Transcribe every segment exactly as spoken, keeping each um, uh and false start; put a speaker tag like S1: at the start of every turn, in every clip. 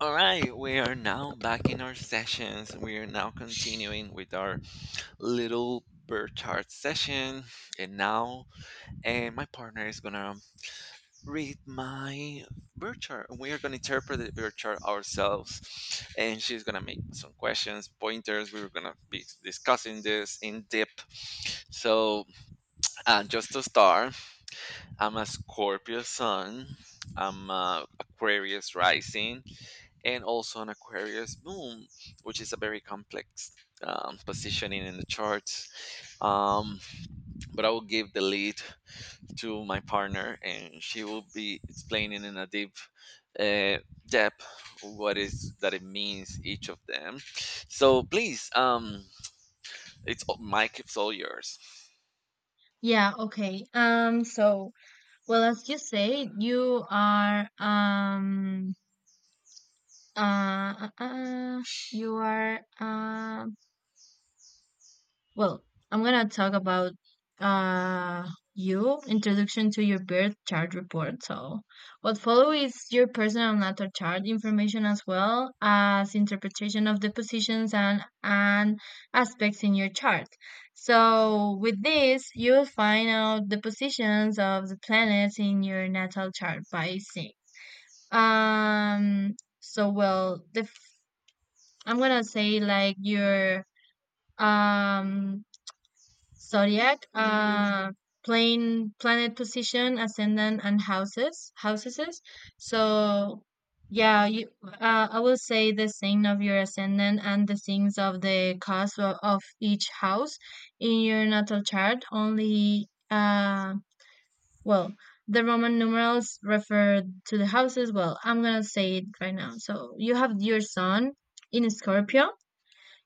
S1: All right, we are now back in our sessions. We are now continuing with our little bird chart session. And now and my partner is going to read my bird chart. We are going to interpret the bird chart ourselves. And she's going to make some questions, pointers. We are going to be discussing this in depth. So, uh, just to start, I'm a Scorpio sun. I'm a Aquarius rising, and also an Aquarius moon, which is a very complex um, positioning in the charts. Um, but I will give the lead to my partner, and she will be explaining in a deep uh, depth what is that it means each of them. So please, um, it's all- Mike. It's all yours.
S2: Yeah, okay. Um, so, well, as you say, you are um uh, uh uh, you are um Well, I'm gonna talk about uh you introduction to your birth chart report. So what follow is your personal natal chart information as well as interpretation of the positions and and aspects in your chart. So with this you'll find out the positions of the planets in your natal chart by seeing. Um so well the f- I'm gonna say like your um zodiac, uh, plane, planet position, ascendant, and houses, houses. So, yeah, you, uh, I will say the sign of your ascendant and the signs of the cause of, of each house in your natal chart. Only, uh, well, the Roman numerals refer to the houses. Well, I'm gonna say it right now. So you have your sun in Scorpio,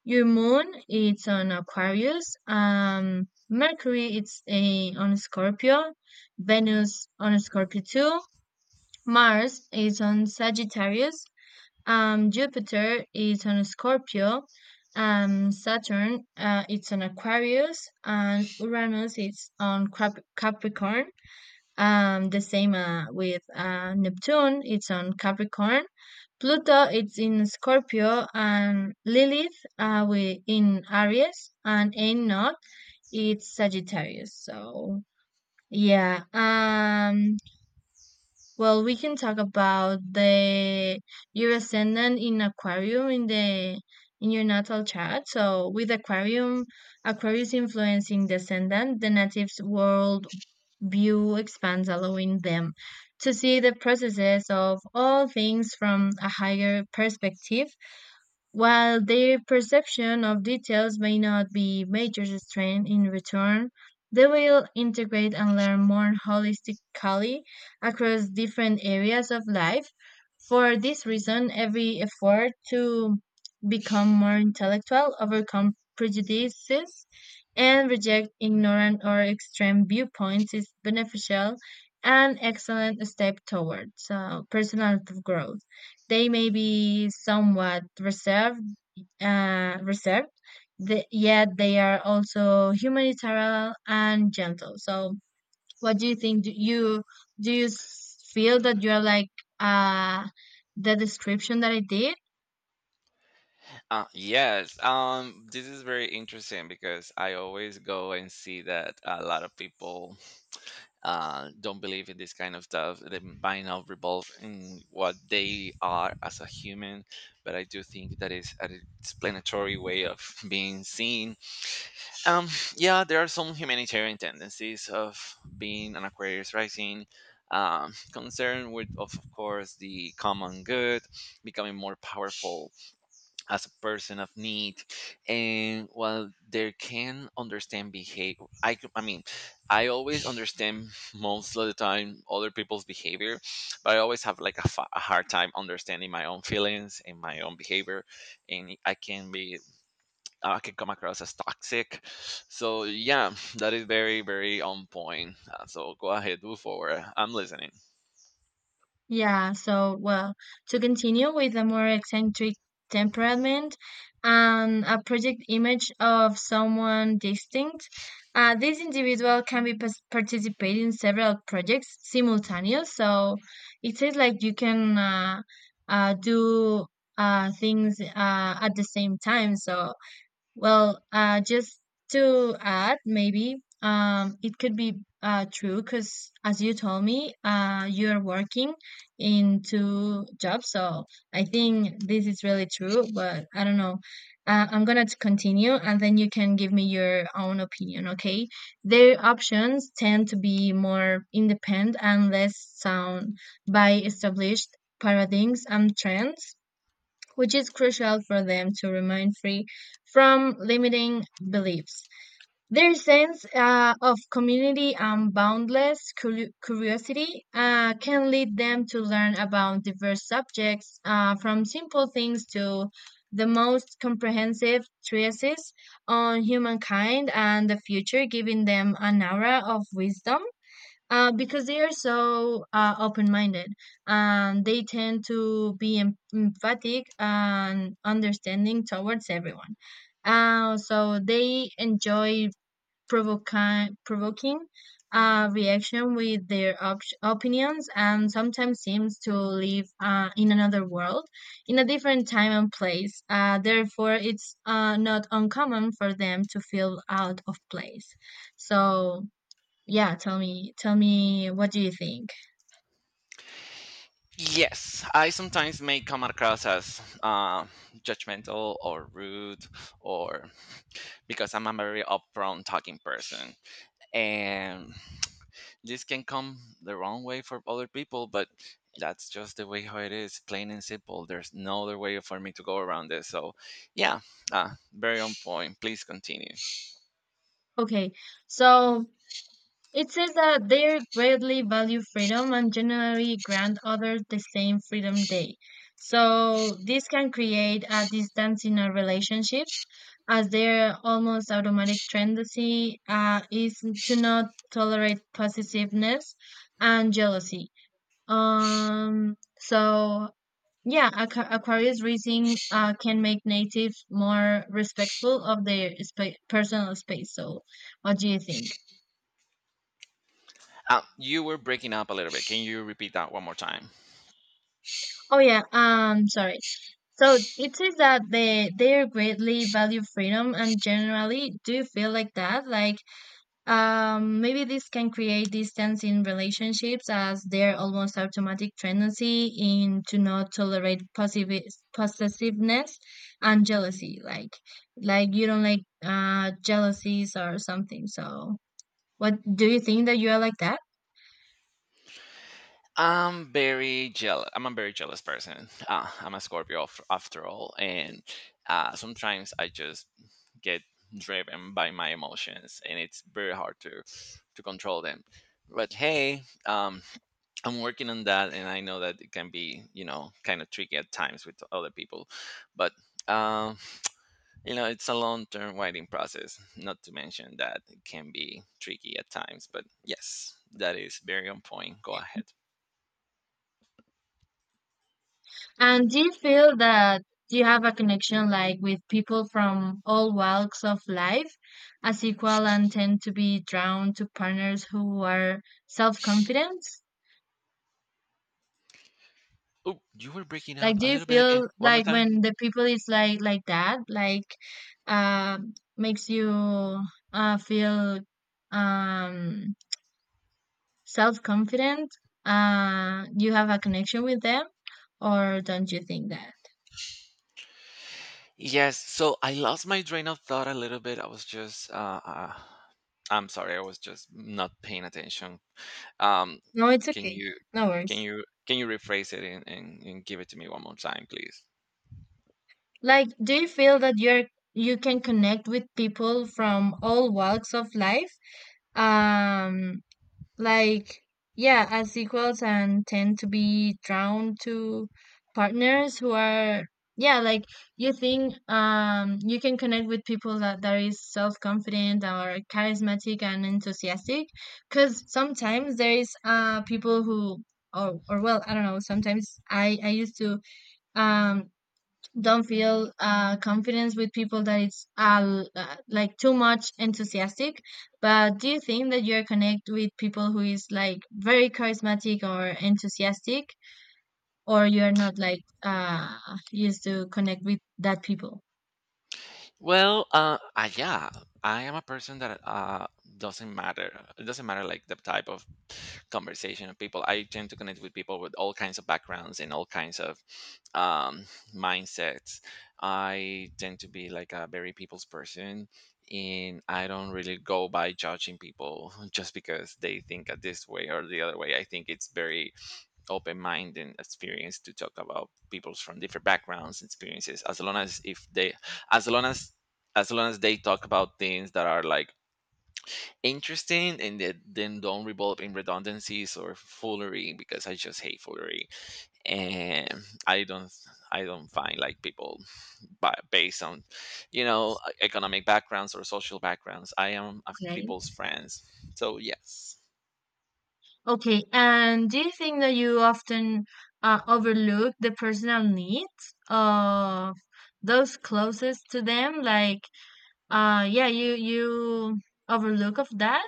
S2: your moon it's on Aquarius, um Mercury it's a, on Scorpio, Venus on Scorpio too, Mars is on Sagittarius, um Jupiter is on Scorpio, um Saturn uh, it's on Aquarius, and Uranus is on Cap- Capricorn. Um, the same uh, with uh, Neptune, it's on Capricorn. Pluto, it's in Scorpio, and Lilith, uh, we in Aries, and Enoch, it's Sagittarius. So yeah, um, well, we can talk about the your ascendant in Aquarium in the in your natal chart. So with Aquarium, Aquarius influencing descendant, the native's world view expands, allowing them to see the processes of all things from a higher perspective. While their perception of details may not be major strength in return, they will integrate and learn more holistically across different areas of life. For this reason, every effort to become more intellectual, overcome prejudices, and reject ignorant or extreme viewpoints is beneficial and excellent step towards uh, personal growth. They may be somewhat reserved uh, reserved, the, yet they are also humanitarian and gentle. So, what do you think? Do you do you s- feel that you are like uh, the description that I did?
S1: Uh, yes, um, this is very interesting because I always go and see that a lot of people uh, don't believe in this kind of stuff. They mind not revolve in what they are as a human, but I do think that is an explanatory way of being seen. Um, yeah, there are some humanitarian tendencies of being an Aquarius rising. Um, concern with, of of course, the common good, becoming more powerful as a person of need, and while they can understand behavior i c- I mean I always understand most of the time other people's behavior, but I always have like a, fa- a hard time understanding my own feelings and my own behavior, and I can be I can come across as toxic, so yeah, that is very very on point. Uh, so go ahead, move forward, I'm listening.
S2: Yeah, so well, to continue with a more eccentric temperament and a project image of someone distinct, uh, this individual can be pas- participate in several projects simultaneous. So it says like you can uh, uh, do uh, things uh, at the same time. So well, uh, just to add, maybe um, it could be uh, true because, as you told me, uh, you are working in two jobs. So I think this is really true, but I don't know. Uh, I'm gonna t- continue and then you can give me your own opinion, okay? Their options tend to be more independent and less sound by established paradigms and trends, which is crucial for them to remain free from limiting beliefs. Their sense uh, of community and boundless curi- curiosity uh, can lead them to learn about diverse subjects, uh, from simple things to the most comprehensive treatises on humankind and the future, giving them an aura of wisdom uh, because they are so uh, open-minded, and they tend to be em- emphatic and understanding towards everyone. Uh, so they enjoy provoking, provoking uh, reaction with their op- opinions, and sometimes seems to live uh, in another world, in a different time and place. Uh, therefore, it's uh, not uncommon for them to feel out of place. So. Yeah, tell me, tell me, what do you think?
S1: Yes, I sometimes may come across as uh, judgmental or rude, or because I'm a very upfront talking person, and this can come the wrong way for other people. But that's just the way how it is, plain and simple. There's no other way for me to go around this. So, yeah, uh, very on point. Please continue.
S2: Okay, so it says that they greatly value freedom and generally grant others the same freedom they. So this can create a distance in our relationships, as their almost automatic tendency uh, is to not tolerate possessiveness and jealousy. Um, so yeah, aqua- Aquarius raising uh, can make natives more respectful of their spa- personal space. So, what do you think?
S1: Uh, you were breaking up a little bit. Can you repeat that one more time?
S2: Oh yeah, um, sorry. So it says that they they greatly value freedom and generally do feel like that. Like, um, maybe this can create distance in relationships as their almost automatic tendency in to not tolerate possi- possessiveness and jealousy. Like, like you don't like uh jealousies or something. So, what do you think that you are like that?
S1: I'm very jealous. I'm a very jealous person. Uh, I'm a Scorpio af- after all, and uh, sometimes I just get driven by my emotions, and it's very hard to to control them. But hey, um, I'm working on that, and I know that it can be, you know, kind of tricky at times with other people. But um, you know, it's a long-term writing process. Not to mention that it can be tricky at times. But yes, that is very on point. Go ahead.
S2: And do you feel that you have a connection like with people from all walks of life as equal and tend to be drawn to partners who are self-confident?
S1: Oh, you were breaking up
S2: Like,
S1: a
S2: do you
S1: little bit again.
S2: feel
S1: One more
S2: like
S1: time.
S2: when the people is like like that, like, um, makes you uh feel um self confident? Uh, you have a connection with them, or don't you think that?
S1: Yes. So I lost my train of thought a little bit. I was just, uh, uh, I'm sorry. I was just not paying attention. Um,
S2: No, it's
S1: can
S2: okay.
S1: you,
S2: No
S1: can
S2: worries.
S1: you, can you rephrase it and, and, and give it to me one more time, please?
S2: Like, do you feel that you're you can connect with people from all walks of life? Um, like yeah, as equals and tend to be drawn to partners who are yeah like you think um you can connect with people that that is self-confident or charismatic and enthusiastic, because sometimes there is uh people who or, or well I don't know, sometimes i i used to um don't feel uh, confidence with people that it's uh, uh, like too much enthusiastic, but do you think that you're connect with people who is like very charismatic or enthusiastic, or you're not like uh, used to connect with that people?
S1: Well, uh, uh, yeah, I am a person that uh, doesn't matter. It doesn't matter like the type of conversation of people. I tend to connect with people with all kinds of backgrounds and all kinds of um, mindsets. I tend to be like a very people's person, and I don't really go by judging people just because they think a this way or the other way. I think it's very open mind and experience to talk about people from different backgrounds experiences as long as if they as long as as long as they talk about things that are like interesting and that then don't revolve in redundancies or foolery, because I just hate foolery, and i don't I don't find like people ba- based on, you know, e-, economic backgrounds or social backgrounds. I am of
S2: Okay,
S1: people's friends, so yes.
S2: okay, and do you think that you often uh, overlook the personal needs of those closest to them, like uh yeah you you overlook of that?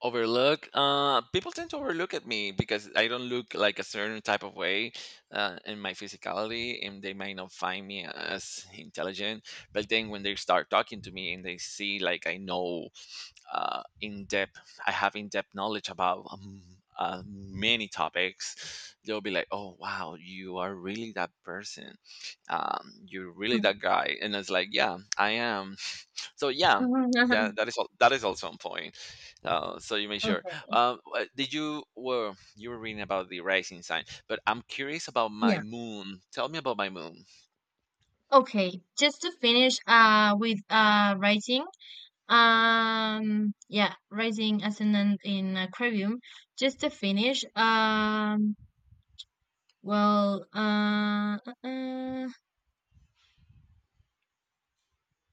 S1: Overlook. Uh, people tend to overlook at me because I don't look like a certain type of way uh, in my physicality, and they might not find me as intelligent. But then when they start talking to me and they see like I know uh, in depth, I have in depth knowledge about um, uh, many topics, they'll be like, "Oh wow, you are really that person. Um, you're really that guy." And it's like, "Yeah, I am." So yeah, yeah, that is al- that is also a point. Oh, so you made sure.
S2: Okay.
S1: Um, uh, did you well? You were reading about the rising sign, but I'm curious about my
S2: Yeah.
S1: moon. Tell me about my moon.
S2: Okay. Just to finish uh with uh writing. Um yeah, writing as in an in aquarium. Just to finish, um well uh, uh uh,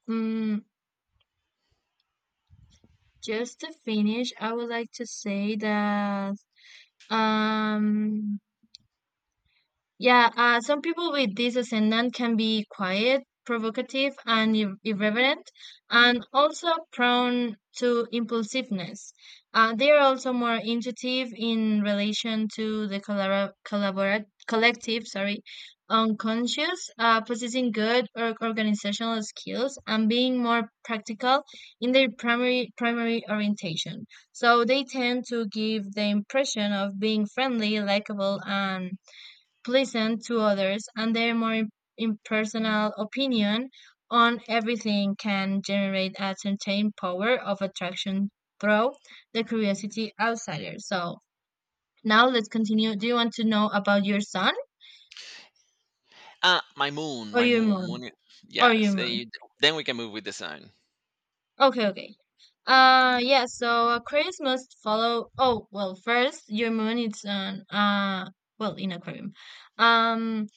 S2: mm, just to finish I would like to say that um yeah, uh, some people with this ascendant can be quiet, provocative, and ir- irreverent, and also prone to impulsiveness. Uh, they are also more intuitive in relation to the collabora- collabora- collective, sorry, unconscious, uh, possessing good or organizational skills, and being more practical in their primary primary orientation. So they tend to give the impression of being friendly, likable, and pleasant to others, and their more im- impersonal opinion on everything can generate a certain power of attraction through the curiosity outsider. So now let's continue. Do you want to know about your sun
S1: Ah, my moon,
S2: or
S1: my
S2: your
S1: moon, moon.
S2: moon?
S1: i-
S2: Or your
S1: Yes, and
S2: moon?
S1: you, then we can move with the sun.
S2: Okay, okay. Uh yeah, so uh, Aquarius must follow oh well first your moon is an uh well in Aquarium. Um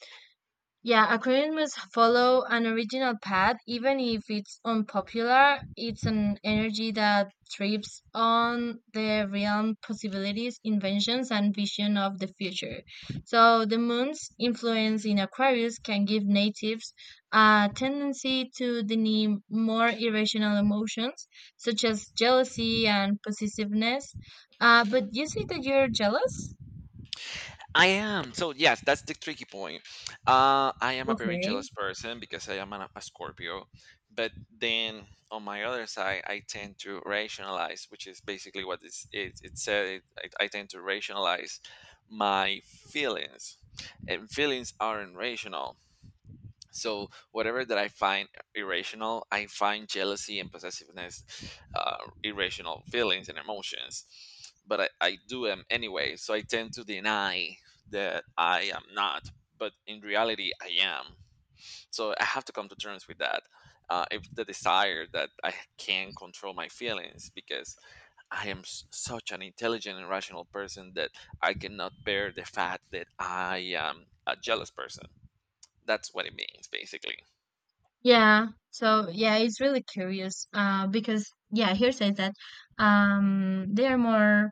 S2: Yeah, Aquarius must follow an original path, even if it's unpopular. It's an energy that trips on the realm possibilities, inventions, and vision of the future. So the moon's influence in Aquarius can give natives a tendency to deny more irrational emotions, such as jealousy and possessiveness. Uh, but you say that you're jealous?
S1: I am. So yes, that's the tricky point. Uh, I am a very
S2: Okay.
S1: jealous person because I am an, a Scorpio, but then on my other side, I tend to rationalize, which is basically what it's, it it said. It, I, I tend to rationalize my feelings, and feelings aren't rational. So whatever that I find irrational, I find jealousy and possessiveness uh, irrational feelings and emotions, but I, I do them anyway. So I tend to deny that I am not, but in reality, I am. So I have to come to terms with that. Uh, if the desire that I can control my feelings because I am s- such an intelligent and rational person that I cannot bear the fact that I am a jealous person. That's what it means, basically.
S2: Yeah. So yeah, it's really curious. Uh, because yeah, here says that um they are more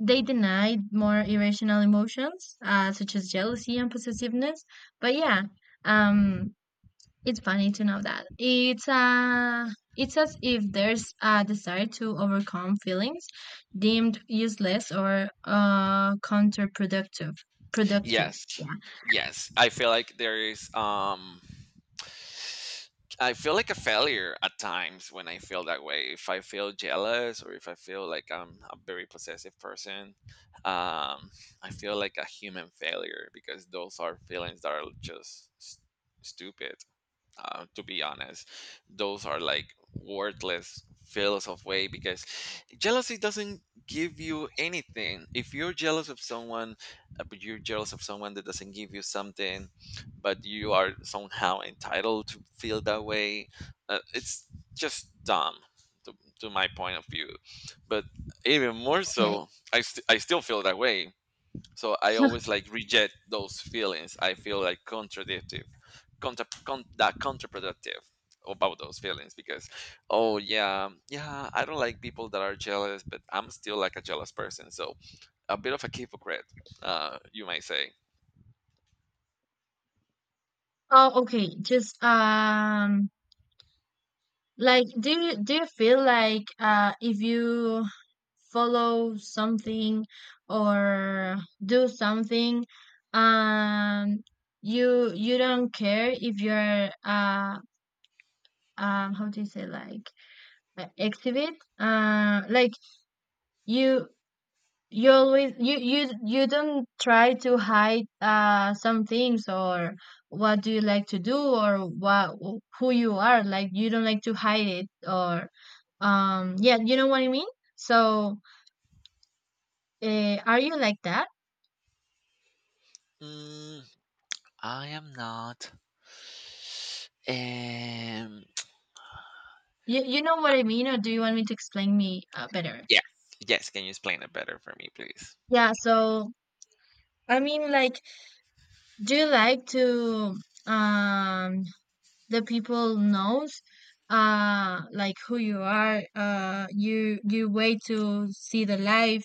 S2: they deny more irrational emotions, uh, such as jealousy and possessiveness. But yeah, um, it's funny to know that it's uh it's as if there's a desire to overcome feelings deemed useless or uh counterproductive. Productive.
S1: Yes.
S2: Yeah.
S1: Yes. I feel like there is um I feel like a failure at times when I feel that way. If I feel jealous or if I feel like I'm a very possessive person, um, I feel like a human failure because those are feelings that are just s- stupid, uh, to be honest. Those are like worthless feels of way, because jealousy doesn't give you anything if you're jealous of someone, uh, but you're jealous of someone that doesn't give you something, but you are somehow entitled to feel that way. Uh, it's just dumb, to, to my point of view. But even more
S2: Okay.
S1: so i, st- I still feel that way, so I always like reject those feelings. I feel like contradictive contra, con, that counterproductive about those feelings, because oh yeah yeah, I don't like people that are jealous, but I'm still like a jealous person, so a bit of a hypocrite, uh you might say.
S2: Oh, okay. Just um, like do you do you feel like uh, if you follow something or do something, um, you you don't care if you're uh um how do you say, like, uh, exhibit uh like you you always you you you don't try to hide uh some things or what do you like to do or what who you are, like you don't like to hide it or um yeah you know what I mean, so uh, are you like that?
S1: mm, I am not um
S2: you you know what I mean or do you want me to explain me uh, better?
S1: yes, yes, can you explain it better for me please?
S2: Yeah, so I mean like do you like to um the people knows uh like who you are, uh you you wait to see the life,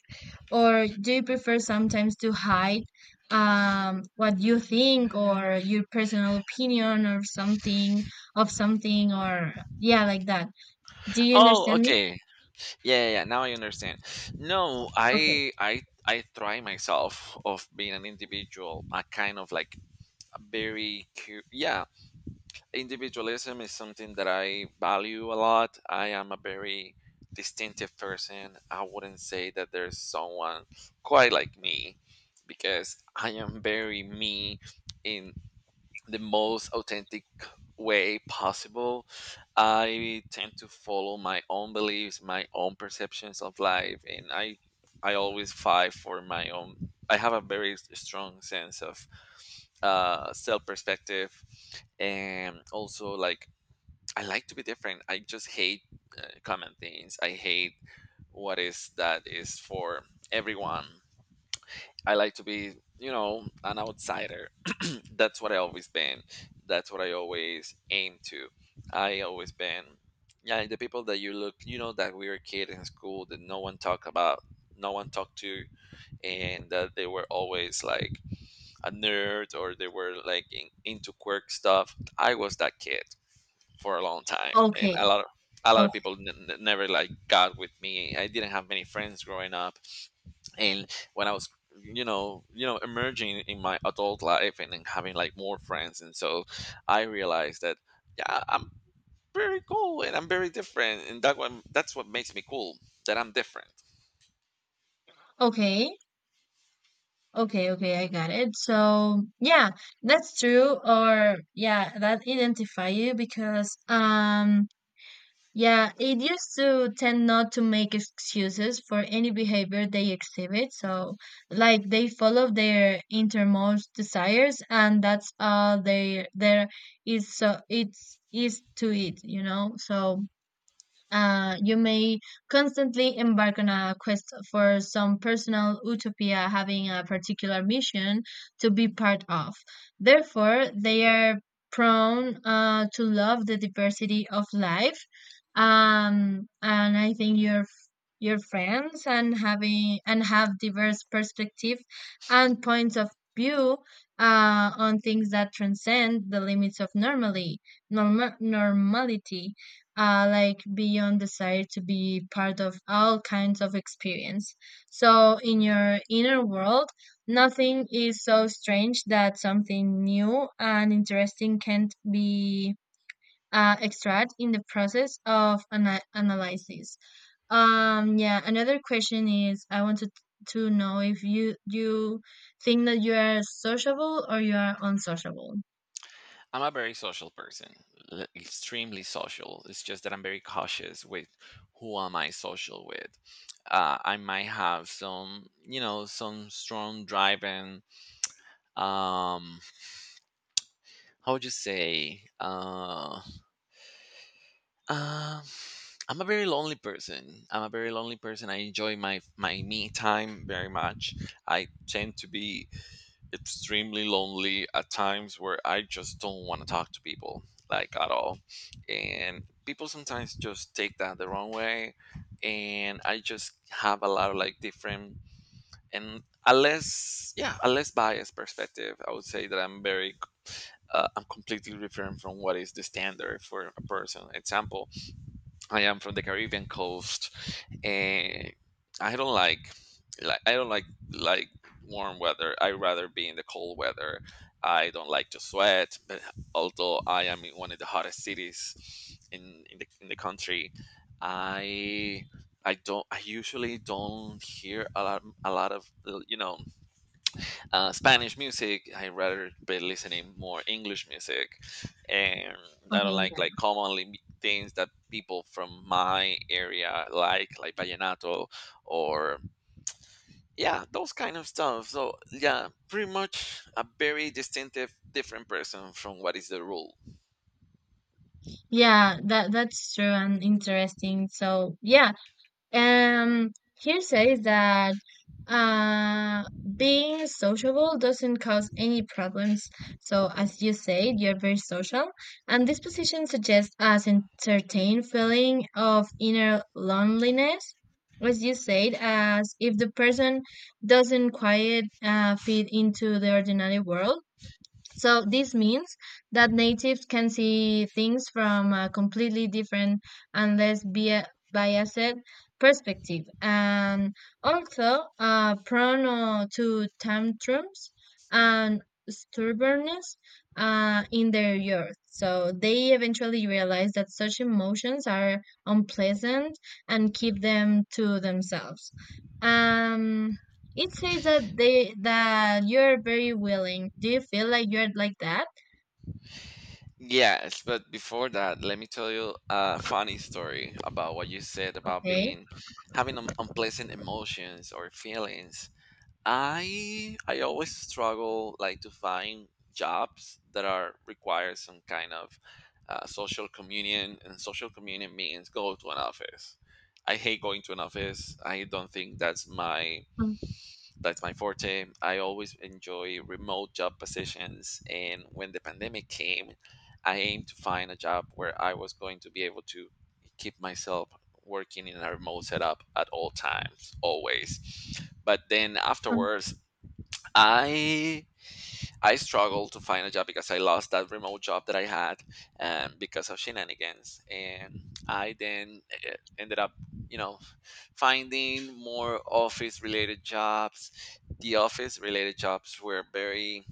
S2: or do you prefer sometimes to hide um what you think or your personal opinion or something of something or yeah like that? Do you
S1: Oh
S2: understand me?
S1: okay, yeah yeah yeah, now I understand. No,
S2: okay
S1: i i i try myself of being an individual, a kind of like a very cu- yeah, individualism is something that I value a lot. I am a very distinctive person. I wouldn't say that there's someone quite like me, because I am very me in the most authentic way possible. I tend to follow my own beliefs, my own perceptions of life, and I I always fight for my own. I have a very s- strong sense of uh, self perspective, and also like I like to be different. I just hate uh, common things. I hate what is that is for everyone. I like to be, you know, an outsider. That's what I always been. That's what I always aim to. I always been, yeah, the people that you look, you know, that we were kid in school that no one talked about, no one talked to, and that they were always like a nerd or they were like in, into quirk stuff. I was that kid for a long time, and
S2: okay.
S1: a lot of a lot
S2: Oh,
S1: of people n- n- never like got with me. I didn't have many friends growing up, and when I was you know you know emerging in my adult life, and then having like more friends and so I realized that yeah, I'm very cool and I'm very different, and that one that's what makes me cool, that I'm different.
S2: okay. okay Okay, I got it. So yeah, that's true or yeah that identify you because um yeah, it used to tend not to make excuses for any behavior they exhibit. So, like they follow their innermost desires, and that's all they there is. So it's is to it, you know. So uh, you may constantly embark on a quest for some personal utopia, having a particular mission to be part of. Therefore, they are prone uh, to love the diversity of life. Um, and I think your your friends and having and have diverse perspective and points of view uh, on things that transcend the limits of normally norma- normality, uh, like beyond desire to be part of all kinds of experience. So in your inner world, nothing is so strange that something new and interesting can't be uh, extracted in the process of ana- analysis. Um, yeah, another question is I wanted to know if you you think that you are sociable or you are unsociable.
S1: I'm a very social person, l- extremely social. It's just that I'm very cautious with who am I social with. uh, I might have some, you know, some strong driving um how would you say uh Um, I'm a very lonely person. I'm a very lonely person. I enjoy my my me time very much. I tend to be extremely lonely at times where I just don't want to talk to people like at all. And people sometimes just take that the wrong way, and I just have a lot of like different and a less, yeah, a less biased perspective. I would say that I'm very uh, I'm completely different from what is the standard for a person. Example, I am from the Caribbean coast, and I don't like like I don't like like warm weather. I rather be in the cold weather. I don't like to sweat, but although I am in one of the hottest cities in in the in the country, I I don't I usually don't hear a lot a lot of you know uh, Spanish music. I rather be listening more English music, and I don't
S2: Okay,
S1: like like
S2: yeah.
S1: commonly m- things that people from my area like, like vallenato or yeah, those kind of stuff. So yeah, pretty much a very distinctive, different person from what is the rule.
S2: Yeah, that that's true and interesting. So, yeah, um, here says that uh, being sociable doesn't cause any problems. So, as you said, you're very social, and this position suggests a certain feeling of inner loneliness. As you said, as if the person doesn't quite uh, fit into the ordinary world. So this means that natives can see things from a completely different and less bia- biased perspective, and also uh, prone uh, to tantrums and stubbornness uh, in their youth. So they eventually realize that such emotions are unpleasant and keep them to themselves. Um, it says that they that you're very willing. Do you feel like you're like that?
S1: Yes, but before that, let me tell you a funny story about what you said about
S2: Okay.
S1: being having un- unpleasant emotions or feelings. I I always struggle like to find jobs that are require some kind of uh, social communion, and social communion means go to an office. I hate going to an office. I don't think that's my that's my forte. I always enjoy remote job positions, and when the pandemic came, I aimed to find a job where I was going to be able to keep myself working in a remote setup at all times, always, but then
S2: Mm,
S1: afterwards I I struggled to find a job because I lost that remote job that I had, um, because of shenanigans, and I then eh, ended up, you know, finding more office-related jobs. The office-related jobs were very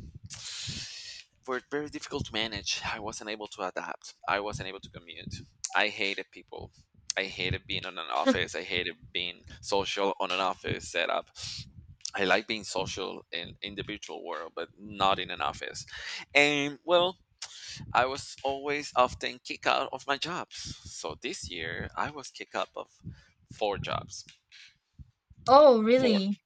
S1: were very difficult to manage. I wasn't able to adapt. I wasn't able to commute. I hated people. I hated being on an
S2: mm.
S1: office. I hated being social on an office setup. I like being social in in the virtual world, but not in an office. And well, I was always often kicked out of my jobs. So this year, I was kicked out of four jobs.
S2: Oh,
S1: Four.
S2: really?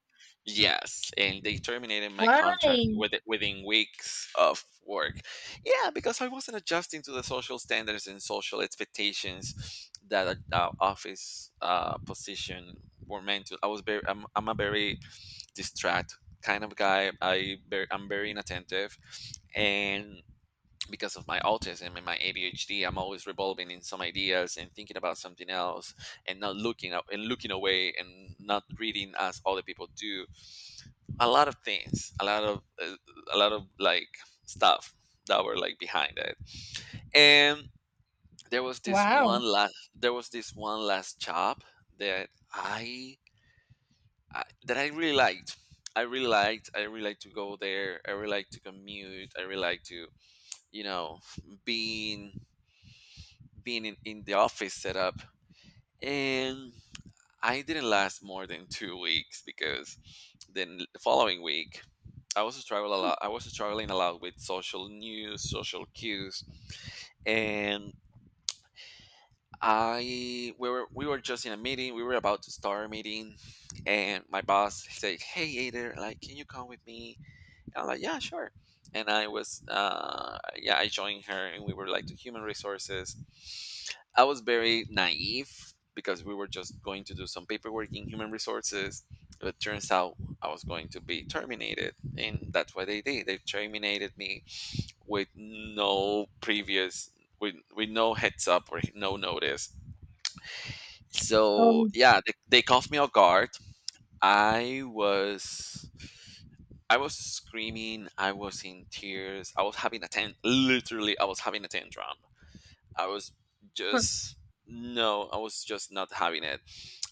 S1: Yes, and they terminated my
S2: Why?
S1: contract with within weeks of work. Yeah, because I wasn't adjusting to the social standards and social expectations that a, a office uh, position were meant to. I was very, I'm, I'm a very distract kind of guy. I very, I'm very inattentive, and because of my autism and my A D H D, I'm always revolving in some ideas and thinking about something else, and not looking up and looking away and not reading as other people do a lot of things a lot of uh, a lot of like stuff that were like behind it. And there was this one
S2: Wow.
S1: last there was this one last job that i, I that i really liked. i really liked I really like to go there. I really like to commute. I really like to, you know being being in, in the office setup, and I didn't last more than two weeks because then the following week I was struggle a lot. I was struggling a lot with social news, social cues, and I we were we were just in a meeting. We were about to start a meeting, and my boss said, "Hey, Ader, like, can you come with me?" And I'm like, "Yeah, sure." And I was, uh, yeah, I joined her, and we were like to human resources. I was very naive because we were just going to do some paperwork in human resources. But it turns out I was going to be terminated, and that's what they did. They terminated me with no previous with with no heads up or no notice. So
S2: Oh,
S1: yeah, they, they caught me off guard. I was i was screaming, I was in tears, I was having a tan literally i was having a tantrum. I was
S2: of
S1: just, no, I was just not having it.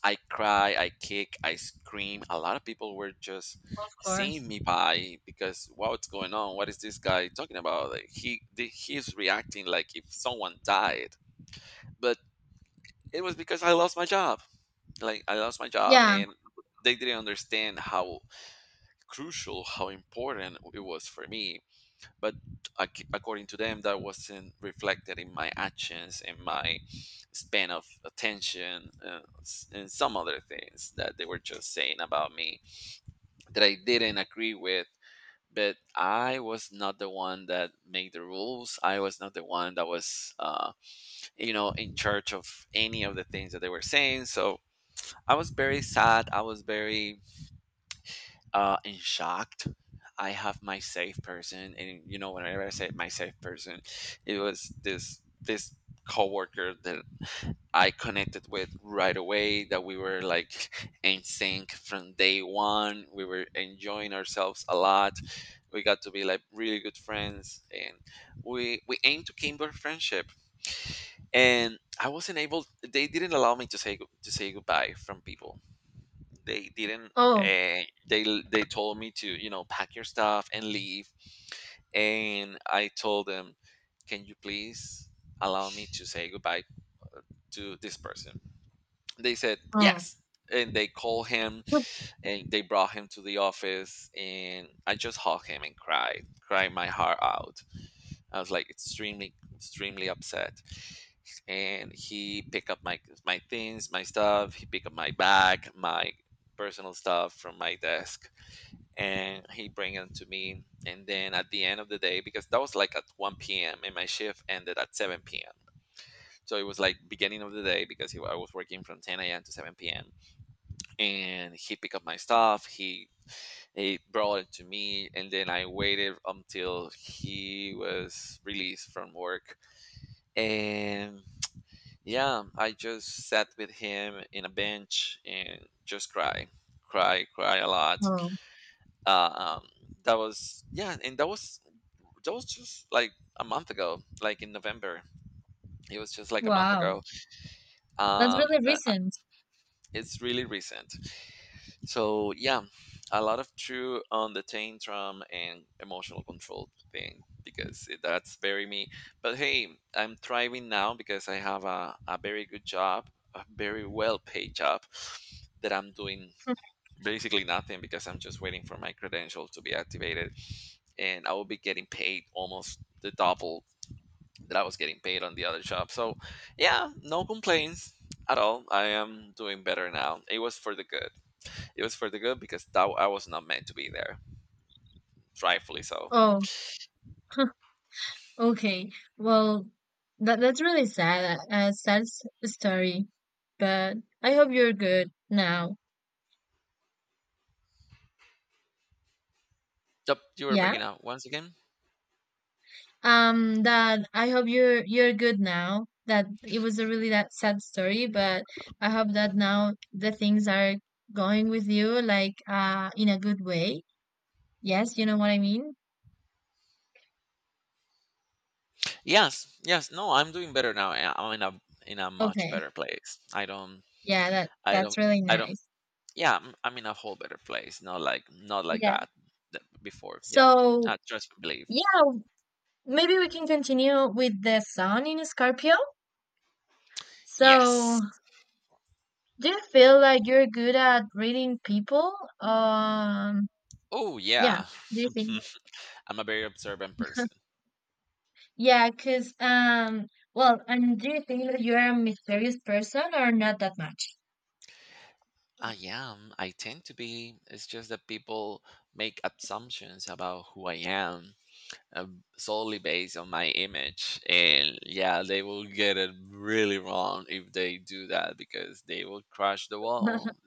S1: I cry, I kick, I scream. A lot of people were just
S2: course.
S1: seeing me by, because what's going on? What is this guy talking about? Like, he the- he's reacting like if someone died. But it was because I lost my job. Like I lost my job,
S2: Yeah.
S1: and they didn't understand how crucial, how important it was for me, but ac- according to them that wasn't reflected in my actions, in my span of attention, uh, s- and some other things that they were just saying about me that I didn't agree with. But I was not the one that made the rules. I was not the one that was uh, you know in charge of any of the things that they were saying. So I was very sad, I was very, uh, and shocked. I have my safe person, and you know, whenever I say my safe person, it was this this coworker that I connected with right away. That we were like in sync from day one. We were enjoying ourselves a lot. We got to be like really good friends, and we we aimed to kindle friendship. And I wasn't able; they didn't allow me to say to say goodbye from people. they didn't
S2: Oh.
S1: uh, they they told me to you know pack your stuff and leave. And I told them, can you please allow me to say goodbye to this person? They said
S2: Oh.
S1: yes, and they called him, and they brought him to the office, and I just hugged him and cried cried my heart out. I was like extremely, extremely upset. And he picked up my my things, my stuff. He picked up my bag, my personal stuff from my desk, and he bring them to me. And then at the end of the day, because that was like at one p m and my shift ended at seven p m, so it was like beginning of the day, because he, I was working from ten a m to seven p m, and he picked up my stuff, he he brought it to me. And then I waited until he was released from work, and yeah, I just sat with him in a bench and just cry, cry, cry a lot.
S2: Oh.
S1: uh, um, that was, yeah, and that was that was just like a month ago, like in November. It was just like a month
S2: Wow.
S1: ago,
S2: That's
S1: um
S2: really
S1: but uh,
S2: recent.
S1: it's really recent. So yeah, a lot of true on the tantrum and emotional control thing, because it- that's very me. But hey, I'm thriving now because I have a, a very good job, a very well paid job that I'm doing basically nothing, because I'm just waiting for my credential to be activated, and I will be getting paid almost the double that I was getting paid on the other job. So, yeah, no complaints at all. I am doing better now. It was for the good. It was for the good, because that I was not meant to be there, rightfully so.
S2: Oh. Okay. Well, that that's really sad. A sad s- story. But I hope you're good now.
S1: Yep, you were
S2: Yeah.
S1: breaking out once again.
S2: Um, that I hope you're you're good now. That it was a really that sad story, but I hope that now the things are going with you like uh in a good way. Yes, you know what I mean?
S1: Yes, yes. No, I'm doing better now. I- I'm in a in a much
S2: Okay.
S1: better place. I don't,
S2: Yeah, that
S1: I
S2: that's
S1: don't,
S2: really
S1: I don't.
S2: nice.
S1: Yeah, I'm, I'm in a whole better place. Not like not like
S2: Yeah.
S1: that th- before. Yeah,
S2: So,
S1: I trust and believe.
S2: yeah, maybe we can continue with the sun in Scorpio. So,
S1: Yes.
S2: do you feel like you're good at reading people? Um,
S1: Oh
S2: yeah.
S1: yeah.
S2: Do you think.
S1: I'm a very observant person.
S2: Yeah, cause um well, and do you think that you're a mysterious person or not that much?
S1: I am. I tend to be. It's just that people make assumptions about who I am, uh, solely based on my image. And yeah, they will get it really wrong if they do that because they will crash the wall.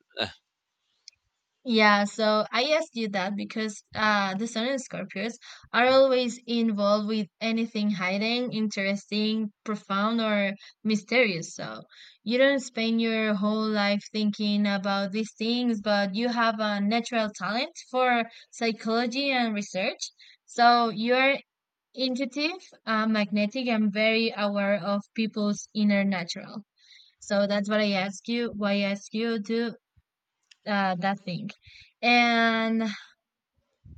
S2: Yeah, so I asked you that because uh, the Sun and Scorpios are always involved with anything hiding, interesting, profound, or mysterious. So you don't spend your whole life thinking about these things, but you have a natural talent for psychology and research. So you're intuitive, uh, magnetic, and very aware of people's inner natural. So that's what I ask you. Why I ask you to uh, that thing. And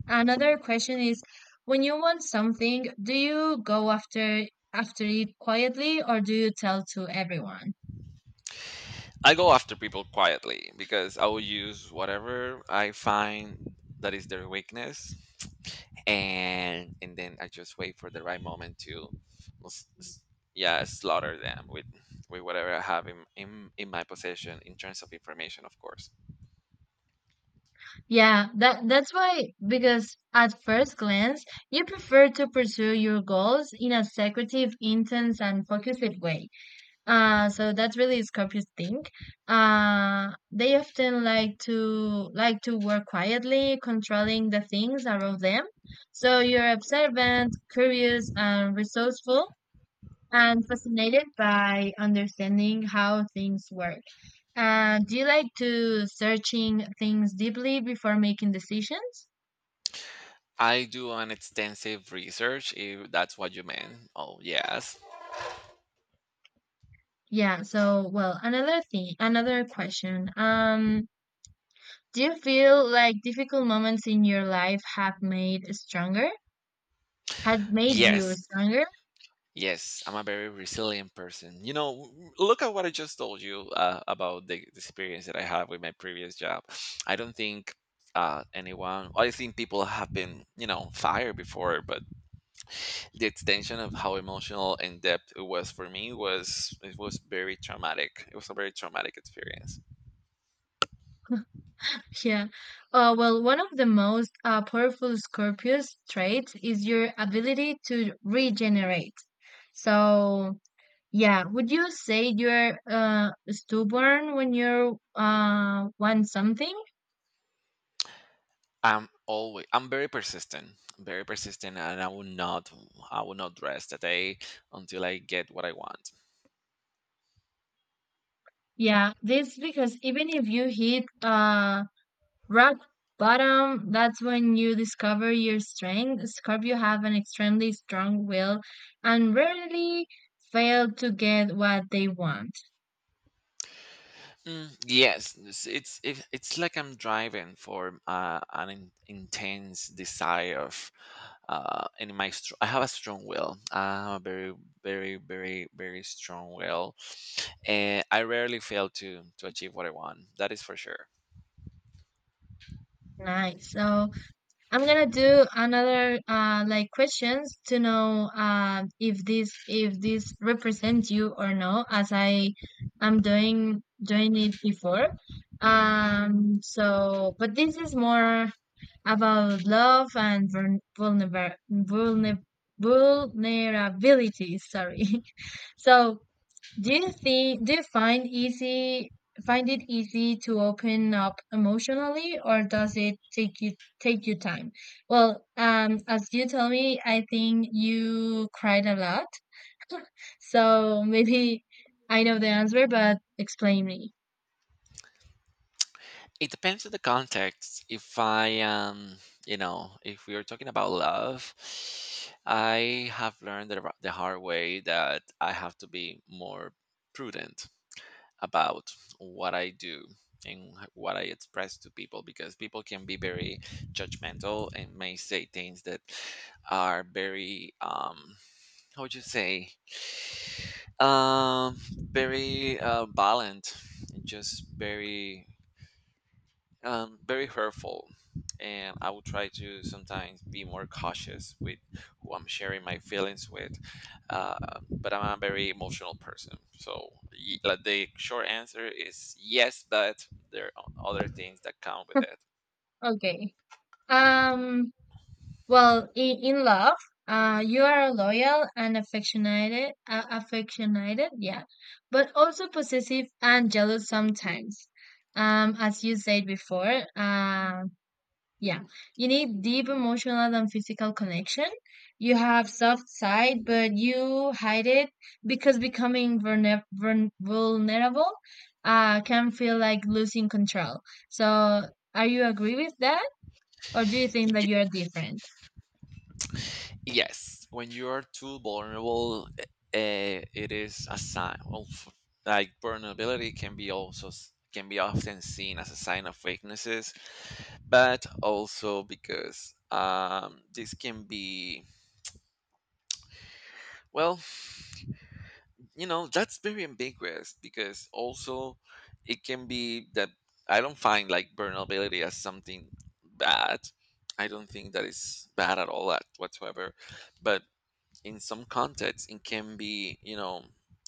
S2: another question is, when you want something, do you go after after it quietly or do you tell to everyone?
S1: I go after people quietly because I will use whatever I find that is their weakness, and and then I just wait for the right moment to, s- s- yeah, slaughter them with with whatever I have in, in in my possession, in terms of information, of course.
S2: Yeah, that that's why, because at first glance, you prefer to pursue your goals in a secretive, intense, and focused way. Uh, so that's really Scorpios think. Uh, they often like to like to work quietly, controlling the things around them. So you're observant, curious, and resourceful, I'm fascinated by understanding how things work. Uh, do you like to searching things deeply before making decisions?
S1: I do an extensive research, if that's what you meant. Oh yes,
S2: Yeah, so well, another thing, another question. Um, do you feel like difficult moments in your life have made stronger? Had made you
S1: yes,
S2: stronger?
S1: yes. I'm a very resilient person. You know, w- look at what I just told you uh, about the the experience that I have with my previous job. I don't think Uh, anyone, I think people have been, you know, fired before, but the extension of how emotional and depth it was for me, was it was very traumatic. It was a very traumatic experience.
S2: Yeah. Uh, well, one of the most uh, powerful Scorpio's traits is your ability to regenerate. So, yeah, would you say you're uh stubborn when you uh want something?
S1: I'm always I'm very persistent. Very persistent, and I will not I will not rest a day until I get what I want.
S2: Yeah, this because even if you hit uh rock bottom, that's when you discover your strength. Scorpio have an extremely strong will and rarely fail to get what they want.
S1: Mm, yes, it's it's it- it's like I'm driving for uh, an in, intense desire of, uh, and my str- I have a strong will. I have a very, very, very, very strong will, and I rarely fail to to achieve what I want. That is for sure.
S2: Nice. So I'm gonna do another uh like questions to know uh if this if this represents you or no, as I am doing doing it before. Um so but this is more about love and vulner vulner vulner vulnerability, sorry. So do you think do you find easy find it easy to open up emotionally, or does it take you take you time? Well, um as you tell me, I think you cried a lot. So maybe I know the answer, but explain me.
S1: It depends on the context. If I am, you know, if we are talking about love, I have learned the, the hard way that I have to be more prudent about what I do and what I express to people, because people can be very judgmental and may say things that are very, um, how would you say, um, very, uh, violent and just very, um, very hurtful. And I will try to sometimes be more cautious with who I'm sharing my feelings with. Uh, but I'm a very emotional person. So, y- like, the short answer is yes, but there are other things that come with it.
S2: Okay. Um well, in, in love, uh, you are loyal and affectionate, uh, affectionate, yeah, but also possessive and jealous sometimes. Um, as you said before, uh, yeah, you need deep emotional and physical connection. You have soft side, but you hide it because becoming vulner- vuln- vulnerable, uh, can feel like losing control. So, are you agree with that, or do you think that you are different?
S1: Yes, when you are too vulnerable, uh, it is a sign of, like, vulnerability can be also s- can be often seen as a sign of weaknesses, but also because, um, this can be well, you know, that's very ambiguous, because also it can be that I don't find like vulnerability as something bad. I don't think that is bad at all at whatsoever, but in some contexts it can be, you know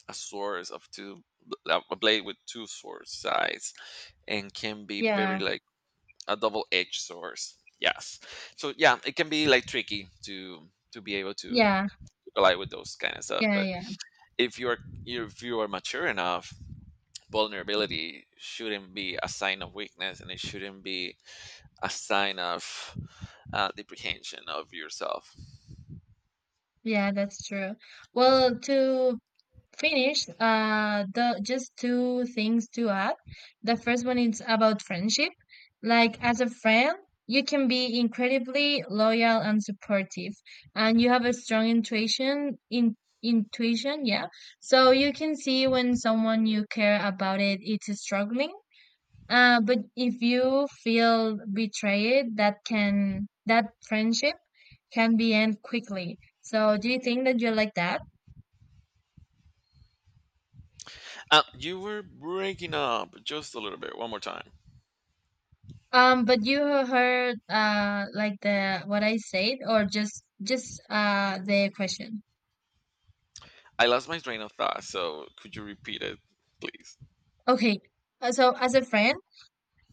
S1: a source of two a blade with two sword sides and can be very
S2: Yeah,
S1: like a double-edged source. Yes, so yeah, it can be like tricky to to be able to
S2: yeah,
S1: collide with those kind of stuff.
S2: yeah,
S1: But
S2: yeah,
S1: if you are if you are mature enough, vulnerability shouldn't be a sign of weakness, and it shouldn't be a sign of uh, deprehension of yourself.
S2: yeah, that's true. Well, to finish, uh, the just two things to add. The first one is about friendship. Like, as a friend, you can be incredibly loyal and supportive, and you have a strong intuition in intuition, yeah. So you can see when someone you care about it it's struggling. Uh, but if you feel betrayed, that can that friendship can be end quickly. So do you think that you're like that?
S1: Uh, you were breaking up just a little bit one more time.
S2: Um, but you heard uh like the what I said, or just just uh the question.
S1: I lost my train of thought, so could you repeat it, please?
S2: Okay. Uh, So as a friend,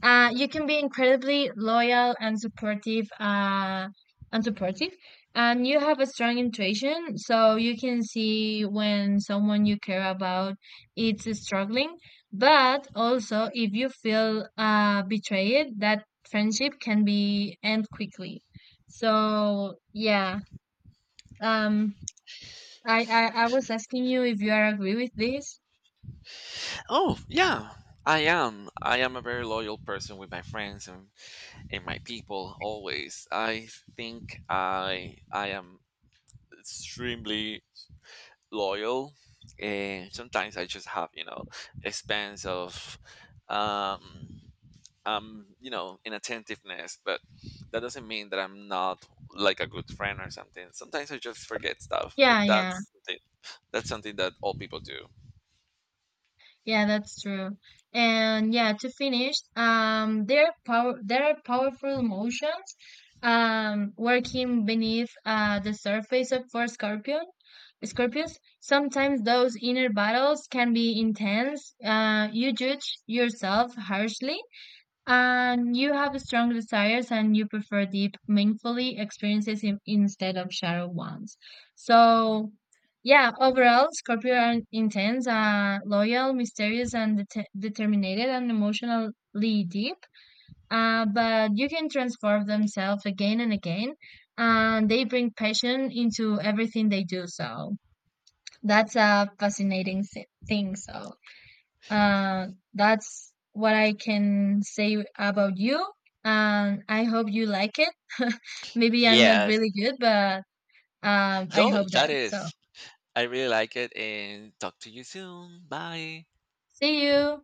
S2: uh, you can be incredibly loyal and supportive, uh, and supportive and you have a strong intuition, so you can see when someone you care about is struggling, but also if you feel uh, betrayed, that friendship can be end quickly. So yeah. um, I, I I was asking you if you are agree with this.
S1: Oh, yeah. I am. I am a very loyal person with my friends, and, and my people always. I think I I am extremely loyal, and sometimes I just have, you know, expense of um um you know inattentiveness, but that doesn't mean that I'm not like a good friend or something. Sometimes I just forget stuff, but
S2: Yeah, yeah,
S1: that's something- that's something that all people do.
S2: yeah, that's true. And yeah, to finish, um, there are power there are powerful emotions um working beneath uh the surface of for Scorpion. Scorpions, sometimes those inner battles can be intense. Uh, you judge yourself harshly, and you have strong desires, and you prefer deep, meaningful experiences in, instead of shallow ones. So, yeah, overall, Scorpio are intense, uh, loyal, mysterious, and det- determined and emotionally deep. Uh, but you can transform themselves again and again, and they bring passion into everything they do. So, that's a fascinating si- thing. So, uh, that's what I can say about you. And I hope you like it. Maybe I'm not
S1: Yes.
S2: really good, but um, I
S1: No,
S2: hope
S1: that
S2: that. So,
S1: is. I really like it, and talk to you soon. Bye.
S2: see you.